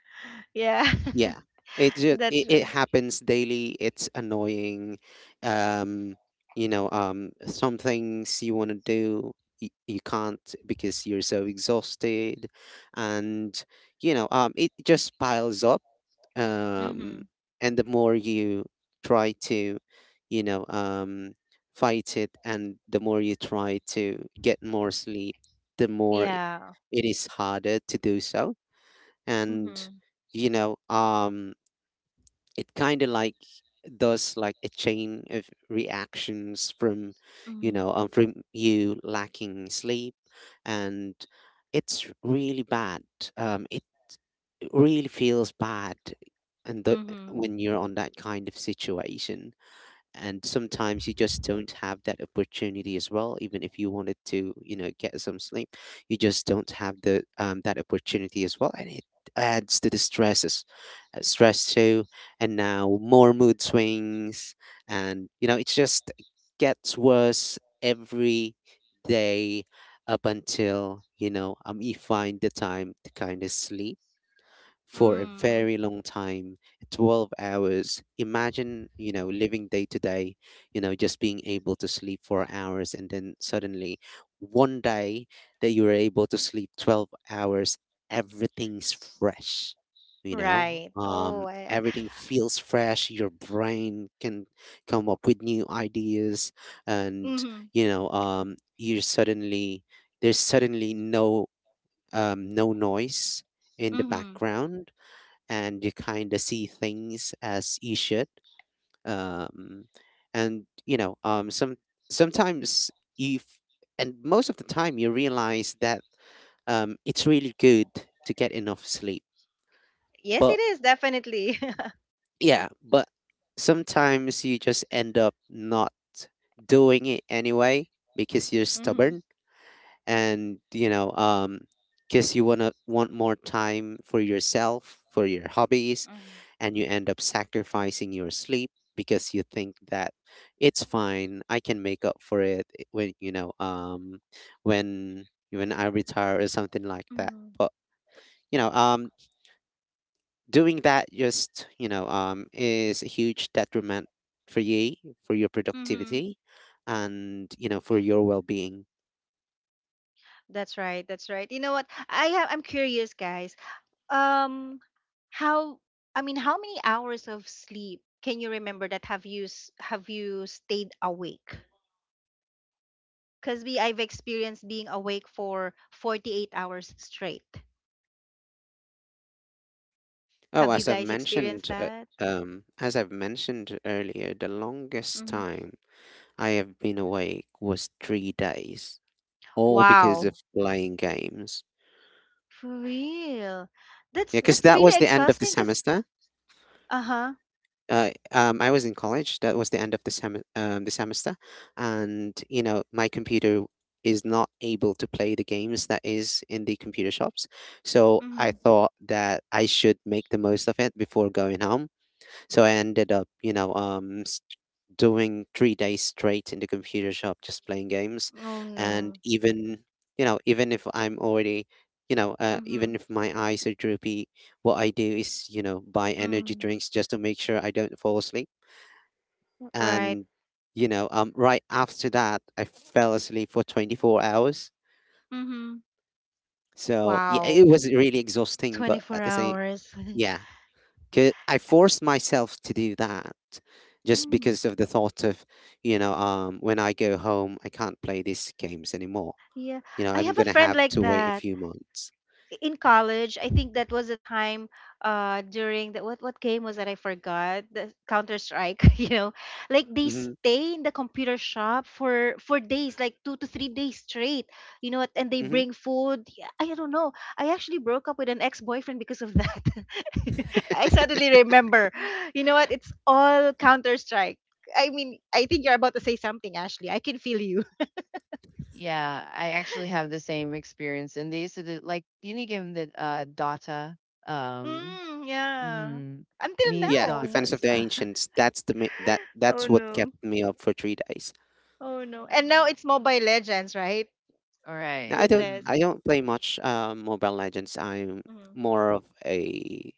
Yeah. Yeah. That's It right. happens daily. It's annoying. Um, some things you want to do you, you can't because you're so exhausted, and it just piles up. Um, Mhm. and the more you try to, you know, um, fight it, and the more you try to get more sleep, the more Yeah. it is harder to do so. And Mhm. you know, um it kind of like does like a chain of reactions from Mhm. From you lacking sleep. And it's really bad. It really feels bad. And Mhm. when you're on that kind of situation, and sometimes you just don't have that opportunity as well, even if you wanted to get some sleep. You just don't have the that opportunity as well, and it adds to the stresses, stress too, and now more mood swings, and it just gets worse every day, up until you find the time to kind of sleep for a Mm. very long time. 12 hours, imagine living day to day, just being able to sleep 4 hours, and then suddenly one day that you were able to sleep 12 hours, everything's fresh, Right. Everything feels fresh, your brain can come up with new ideas, and Mhm. You're suddenly, there's suddenly no no noise in the Mhm. background, and you kind of see things as you should. Um, and sometimes you, f- and most of the time you realize that it's really good to get enough sleep. Yes, But it is definitely. yeah, but sometimes you just end up not doing it anyway because you're Mhm. stubborn, and because you want to want more time for yourself, for your hobbies, Mhm. and you end up sacrificing your sleep because you think that it's fine, I can make up for it when when I retire or something like that. Mhm. But you know um doing that just is a huge detriment for you, for your Mhm. productivity, and for your well-being. That's right. That's right. You know what? I'm curious, guys. Um, how, I mean, how many hours of sleep can you remember that have you have you stayed awake? Because we, I've experienced being awake for 48 hours straight. Oh, Have you guys experienced that? As I've mentioned earlier, the longest Hmm. time I have been awake was 3 days, all because of Wow. playing games. For real. Yeah, because That's that really was the end of the exhausting, cuz. semester. Uh-huh. I was in college. That was the end of the semester, and my computer is not able to play the games that is in the computer shops. So I Mhm. thought that I should make the most of it before going home. So I ended up, doing 3 days straight in the computer shop just playing games. Oh And no. even even if I'm already you know even Hmm. if my eyes are droopy, what I do is buy energy Mm. drinks just to make sure I don't fall asleep. Right. And right after that I fell asleep for 24 hours. Hmm. So yeah, Wow. it was really exhausting, but 24 at the same, hours. yeah, 'cause I forced myself to do that just Mm, because of the thought of, when I go home, I can't play these games anymore. yeah. You know, I I'm have a gonna friend have like to wait a that few months. in college. I think that was a time, uh, during the, what game was that, I forgot? The Counter Strike, you know. Like they hmm stay in the computer shop for days, like 2 to 3 days straight. You know what? And they hmm bring food. Yeah, I don't know. I actually broke up with an ex-boyfriend because of that. I suddenly remember. You know what? It's all Counter Strike. I mean, I think you're about to say something, Ashley. I can feel you. Yeah, I actually have the same experience and they used to do, like you need to give them the data. um Mm, yeah. mm, Until Me's Yeah, now. Defense of daughters. the Ancients. That that's Oh what kept no. me up for 3 days. Oh no. And now it's Mobile Legends, right? All Now right. Goodness. Mm. I don't play much Mobile Legends. I'm Mm, more of a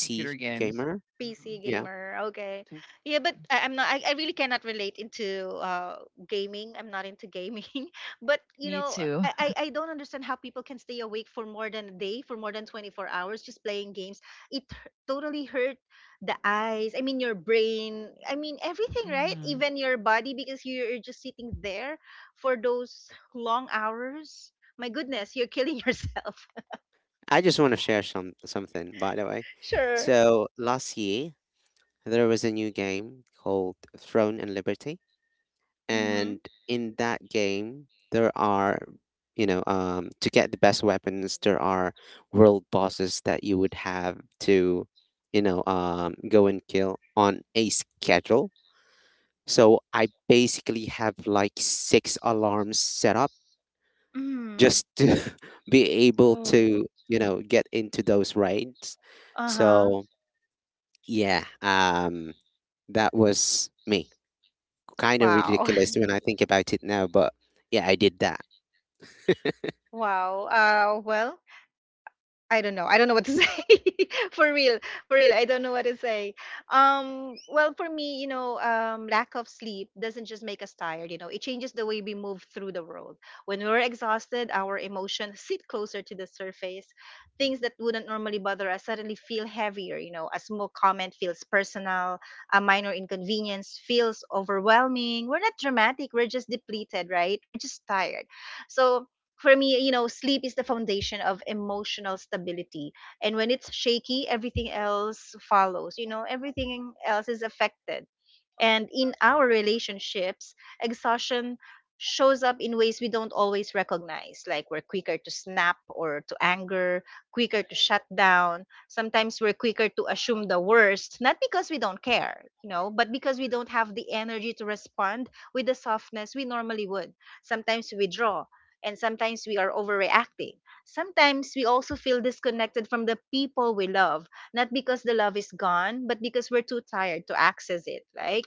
Computer games. gamer. PC Um, You know, gamer. Okay. to- Yeah, but I, I'm not I, I really cannot relate into, uh, gaming. I'm not into gaming. But you Me know, too. I don't understand how people can stay awake for more than a day, for more than 24 hours, just playing games. It totally hurt the eyes. I mean your brain. I mean everything, right? Mm. Even your body, because you're just sitting there for those long hours. My goodness, you're killing yourself. I just want to share some something, by the way. Sure. So last year there was a new game called Throne and Liberty, Mhm. and in that game there are, to get the best weapons, there are world bosses that you would have to go and kill on a schedule. So I basically have like six alarms set up Mhm. just to be able Oh. to get into those raids. Uh-huh. So yeah, that was me. Kind of Wow. ridiculous when I think about it now, but yeah, I did that. Wow. Uh, well, I don't know. I don't know what to say. For real. For real. I don't know what to say. Um, well, for me, you know, um, lack of sleep doesn't just make us tired, you know. It changes the way we move through the world. When we're exhausted, our emotions sit closer to the surface. Things that wouldn't normally bother us suddenly feel heavier, you know. A small comment feels personal, a minor inconvenience feels overwhelming. We're not dramatic, we're just depleted, right? We're just tired. So for me, you know, sleep is the foundation of emotional stability. And when it's shaky, everything else follows. You know, everything else is affected. And in our relationships, exhaustion shows up in ways we don't always recognize. Like, we're quicker to snap or to anger, quicker to shut down. Sometimes we're quicker to assume the worst, not because we don't care, you know, but because we don't have the energy to respond with the softness we normally would. Sometimes we withdraw, and sometimes we are overreacting. Sometimes we also feel disconnected from the people we love, not because the love is gone, but because we're too tired to access it. Like,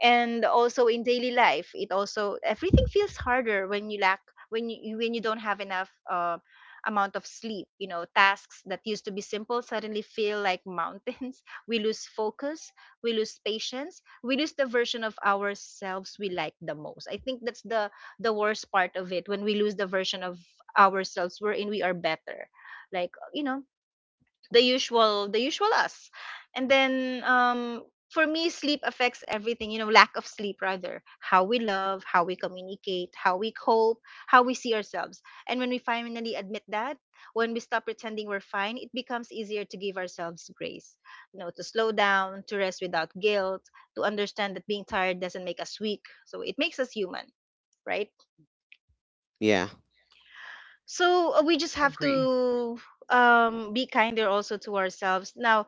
and also in daily life, it also, everything feels harder when you lack, when you, when you don't have enough, amount of sleep. You know, tasks that used to be simple suddenly feel like mountains. We lose focus, we lose patience, we lose the version of ourselves we like the most. I think that's the worst part of it, when we lose the version of ourselves we're in, we are better, like, you know, the usual us. And then, um, for me, sleep affects everything, you know, lack of sleep rather, how we love, how we communicate, how we cope, how we see ourselves. And when we finally admit that, when we stop pretending we're fine, it becomes easier to give ourselves grace, you know, to slow down, to rest without guilt, to understand that being tired doesn't make us weak, so it makes us human, right? Yeah, So, we just have Agree. to, um, be kinder also to ourselves now.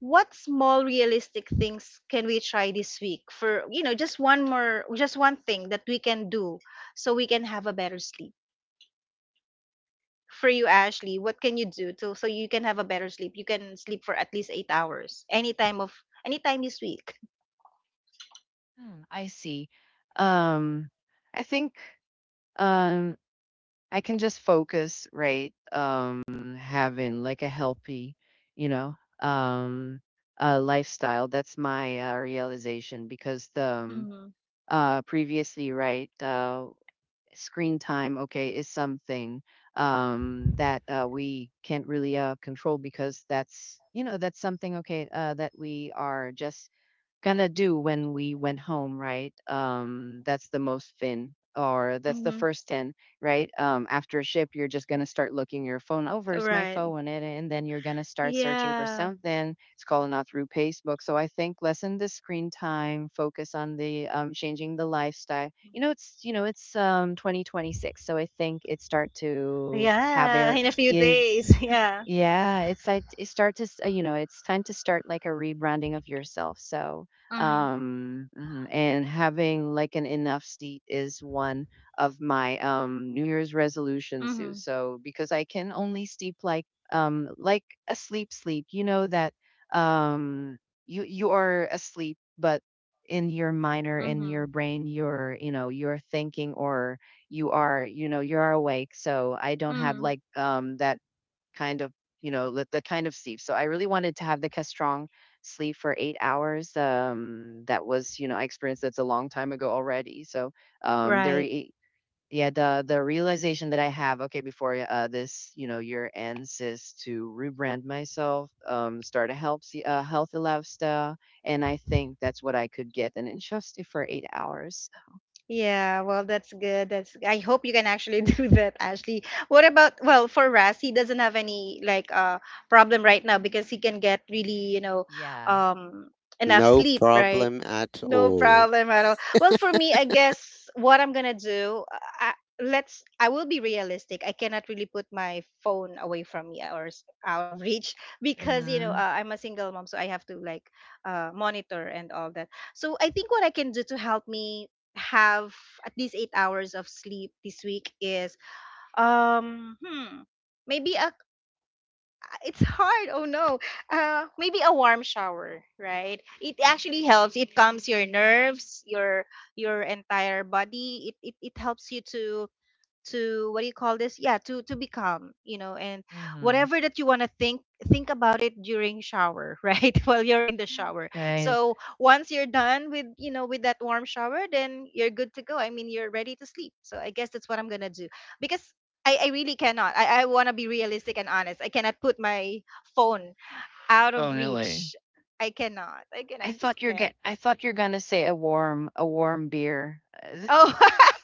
What small realistic things can we try this week, for, you know, just one more, just one thing that we can do so we can have a better sleep? For you, Ashley, what can you do to, so you can have a better sleep, you can sleep for at least 8 hours any time of any time this week? Hmm, I see. Um, I think um, I can just focus, right? Having like a healthy, you know, um, lifestyle. That's my realization because the Mm-hmm. Previously, right, screen time, okay, is something that we can't really control because that's, you know, that's something, okay, that we are just gonna do when we went home, right? That's the most thin, or that's the Mm-hmm. first ten, right? After a ship, you're just gonna start looking your phone over. Is my Right. phone it? And then you're gonna start searching for Yeah, something. It's calling out through Facebook. So I think lessen the screen time, focus on the changing the lifestyle. You know, it's 2026, so I think it start to have yeah, air in a few is. days. Yeah. Yeah, it's like it start to you know, it's time to start like a rebranding of yourself. So Mm-hmm. um mhm, and having like an enough seat is one of my new year's resolutions too, so because I can only sleep like a sleep sleep, you know, that um you you are asleep, but in your mind or in your Mm-hmm. brain you're you know you're thinking, or you are you know you're awake. So I don't have Mm-hmm. like that kind of, you know, the kind of sleep. So I really wanted to have the Castrong sleep for 8 hours. That was, you know, I experienced that's a long time ago already. So um, there, Right. i- yeah, the realization that I have, okay, before this, you know, year ends, is to rebrand myself, start a healthy, healthy lifestyle, and I think that's what I could get, and it's just for 8 hours. Yeah, well, that's good. That's, I hope you can actually do that, Ashley. What about, well, for Ras, he doesn't have any like, uh, problem right now because he can get really, you know, Yeah. um, enough no sleep, right? problem at No all. problem at all. Well, for me, I guess what I'm gonna do, I, let's, I will be realistic. I cannot really put my phone away from me or out of reach because you know, Mm-hmm. I'm a single mom, so I have to like, monitor and all that. So I think what I can do to help me have at least 8 hours of sleep this week is, um, hmm, maybe a, it's hard. Oh no. Maybe a warm shower, right? It actually helps. It calms your nerves, your entire body. It helps you to, what do you call this, yeah, to become, you know, and whatever that you want to think about it during shower, right, while you're in the shower. Right. So once you're done with, you know, with that warm shower, then you're good to go. I mean, you're ready to sleep. So I guess that's what I'm gonna do. Because I really cannot, I want to be realistic and honest, I cannot put my phone out of Definitely. reach, I cannot, I I just thought you're can't. get. I thought you're gonna say a warm beer Oh.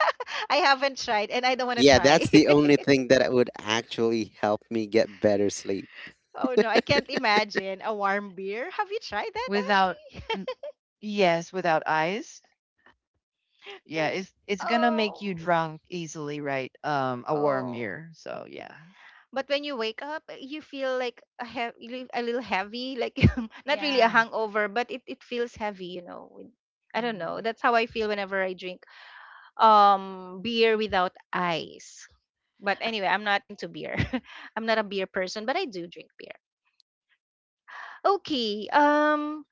I haven't tried and I don't want to Yeah, try. that's the only thing that would actually help me get better sleep. Oh no, I can't imagine a warm beer. Have you tried that, without. Ashley? n- Yes, without ice. Yeah, it's gonna make you Oh, drunk easily, right? A warm oh. beer. So yeah, But when you wake up, eh, you feel like a a little heavy, like, not really a yeah. hangover, but it feels heavy, you know. When, I don't know. Hmm. That's how I feel whenever I drink, um, beer without ice. But anyway, I'm not into beer. I'm not a beer person, but I do drink beer. Okay. Um,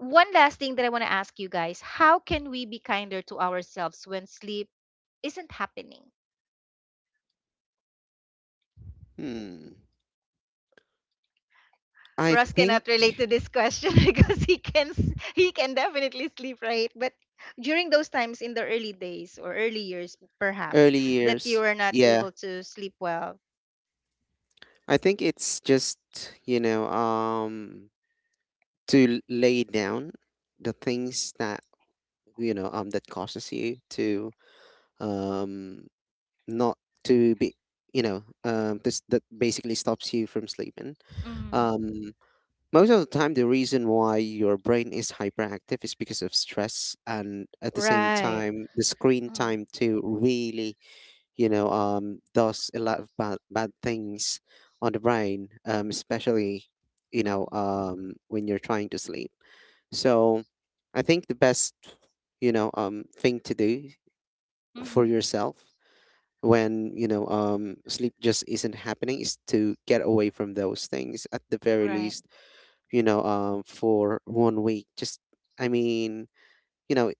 one last thing that I want to ask you guys, how can we be kinder to ourselves when sleep isn't happening? Hmm. I Russ think cannot relate to this question because he can he can definitely sleep, right? But during those times in the early days or early years perhaps early that you years. are not Yeah, able to sleep well. I think it's just, you know, um to lay down the things that, that causes you to um not to be, this that basically stops you from sleeping. Mm, um Most of the time, the reason why your brain is hyperactive is because of stress, and at the same right. time, the screen Mm, time too, really, does a lot of bad things on the brain, especially mm, when you're trying to sleep. So I think the best thing to do for mhm, yourself when sleep just isn't happening is to get away from those things, at the very right, least, for one week. Just i mean you know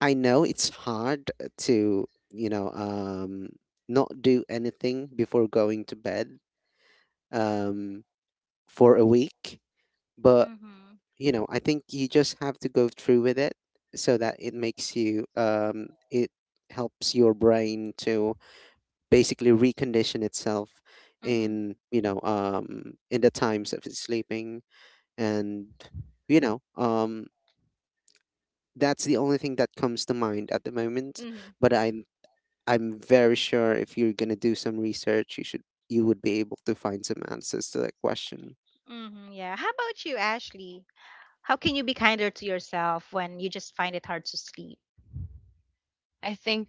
I know it's hard to not do anything before going to bed, um for a week. But mhm, I think you just have to go through with it so that it makes you it helps your brain to basically recondition itself mhm, in, in the times of sleeping. And you know um that's the only thing that comes to mind at the moment. mhm, But I'm very sure, if you're going to do some research, you should, you would be able to find some answers to that question. mhm. Yeah, how about you, Ashley? How can you be kinder to yourself when you just find it hard to sleep? I think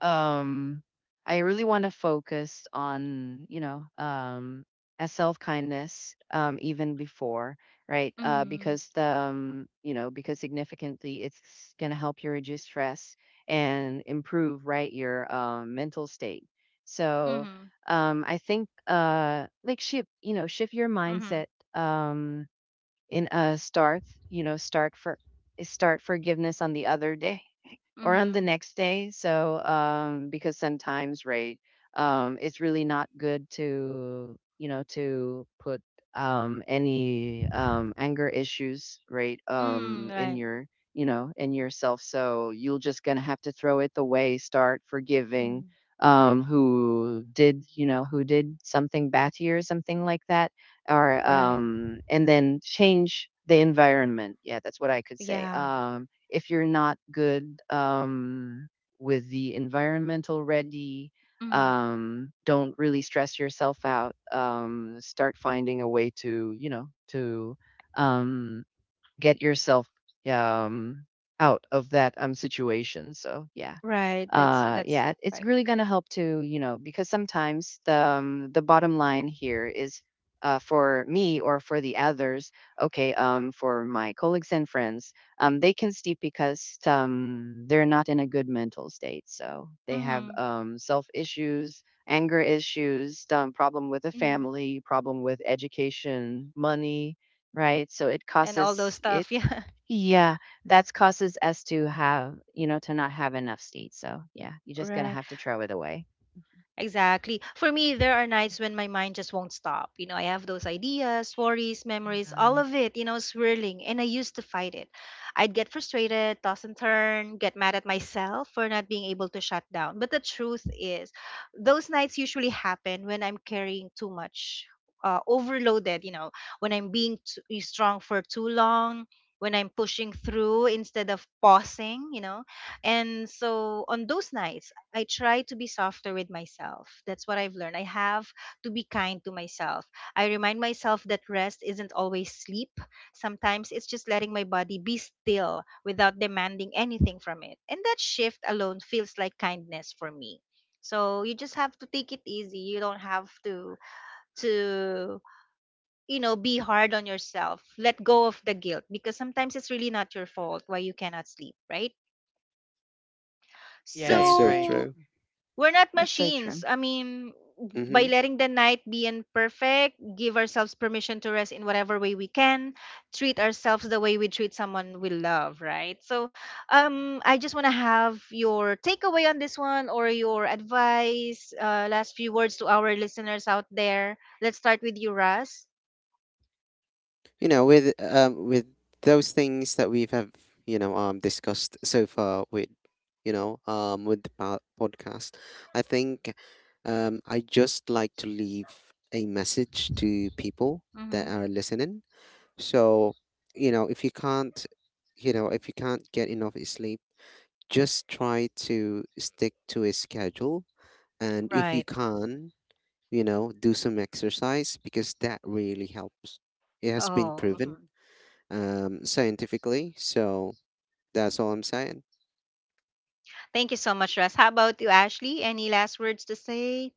um I really want to focus on, you know, a self-kindness even before, right? Mhm. Because the you know, because significantly it's going to help you reduce stress and improve, right, your mental state. So, Mhm. I think like shift, you know, shift your Mhm. mindset um in a start for start forgiveness on the other day or on the Mhm. next day. So, because sometimes, right, it's really not good to, you know, to put any anger issues, right, Mm, in right. your, you know, in yourself. So you will just gonna have to throw it away. Start forgiving Mm, who did you know who did something bad to you or something like that, or right. um and then change the environment. Yeah, that's what I could say. Yeah. If you're not good with the environmental ready, Mm, don't really stress yourself out. Start finding a way to, you know, to um, get yourself um, out of that situation. So, yeah, right. That's yeah, it's right. really going to help to, you know, because sometimes the bottom line here is, for me or for the others, okay, for my colleagues and friends, they can sleep because they're not in a good mental state, so they have Mhm. Self issues, anger issues, problem with the Mhm. family, problem with education, money, right, so it And all those causes it. stuff. Yeah. Yeah, that causes us to have, you know, to not have enough seeds. So yeah, you're just gonna Right. have to throw it away. Exactly. For me, there are nights when my mind just won't stop. You know, I have those ideas, worries, memories, all Mm-mm. of it, you know, swirling, and I used to fight it. I'd get frustrated, toss and turn, get mad at myself for not being able to shut down. But the truth is, those nights usually happen when I'm carrying too much, overloaded, you know, when I'm being too, eh, strong for too long. When I'm pushing through instead of pausing, you know, and so on those nights, I try to be softer with myself. That's what I've learned. I have to be kind to myself. I remind myself that rest isn't always sleep. Sometimes it's just letting my body be still without demanding anything from it. And that shift alone feels like kindness for me. So you just have to take it easy. You don't have to, you know, be hard on yourself. Let go of the guilt because sometimes it's really not your fault why you cannot sleep, right? Yeah, That's it's so right. So true. we're not That's so true. machines. I mean, by Mhm. letting the night be imperfect, give ourselves permission to rest in whatever way we can, treat ourselves the way we treat someone we love, right? So, I just want to have your takeaway on this one, or your advice, last few words to our listeners out there. Let's start with you, Russ. You know, with those things that we've have discussed so far with with the podcast, I think, I just like to leave a message to people that Mm-hmm. are listening. So if you can't if you can't get enough sleep, just try to stick to a schedule. And if you Right. can, do some exercise, because that really helps. It has been Oh, proven mhm. Scientifically. So that's all I'm saying. Thank you so much, Russ. How about you, Ashley? Any last words to say?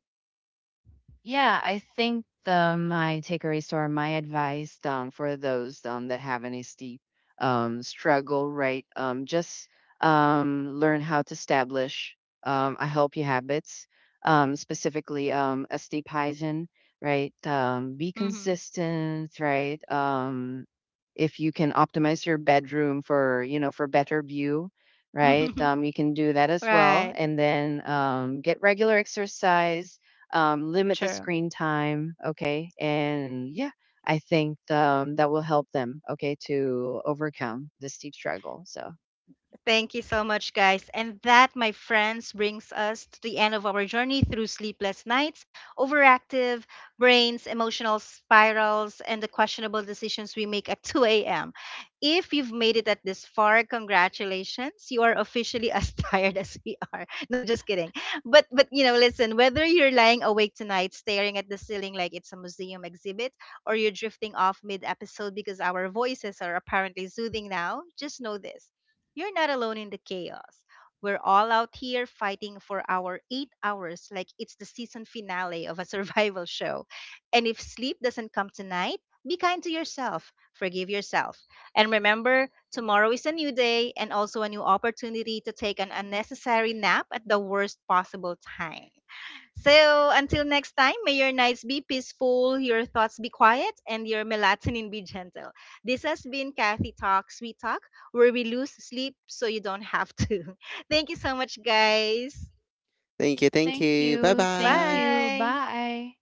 Yeah, I think the my takeaways or my advice, for those that have any steep struggle, right? Just learn how to establish a healthy habits, specifically a steep hygiene, right? Be Mm-hmm. consistent, right? If you can optimize your bedroom for you know for better view, right? You can do that as well, Right, and then get regular exercise, limit the sure. screen time. Okay. And yeah, I think that will help them. Okay. To overcome this steep struggle. So, Thank you so much, guys. And that, my friends, brings us to the end of our journey through sleepless nights, overactive brains, emotional spirals, and the questionable decisions we make at 2 a.m. If you've made it at this far, congratulations. You are officially as tired as we are. No, just kidding. But you know, listen, whether you're lying awake tonight staring at the ceiling like it's a museum exhibit, or you're drifting off mid-episode because our voices are apparently soothing now, just know this, you're not alone in the chaos. We're all out here fighting for our 8 hours like it's the season finale of a survival show. And if sleep doesn't come tonight, be kind to yourself, forgive yourself. And remember, tomorrow is a new day, and also a new opportunity to take an unnecessary nap at the worst possible time. So until next time, may your nights be peaceful, your thoughts be quiet, and your melatonin be gentle. This has been Kathy Talk, Sweet Talk, where we lose sleep so you don't have to. Thank you so much, guys. Thank you. Thank thank you. Bye you. Thank bye. you. Bye. Bye.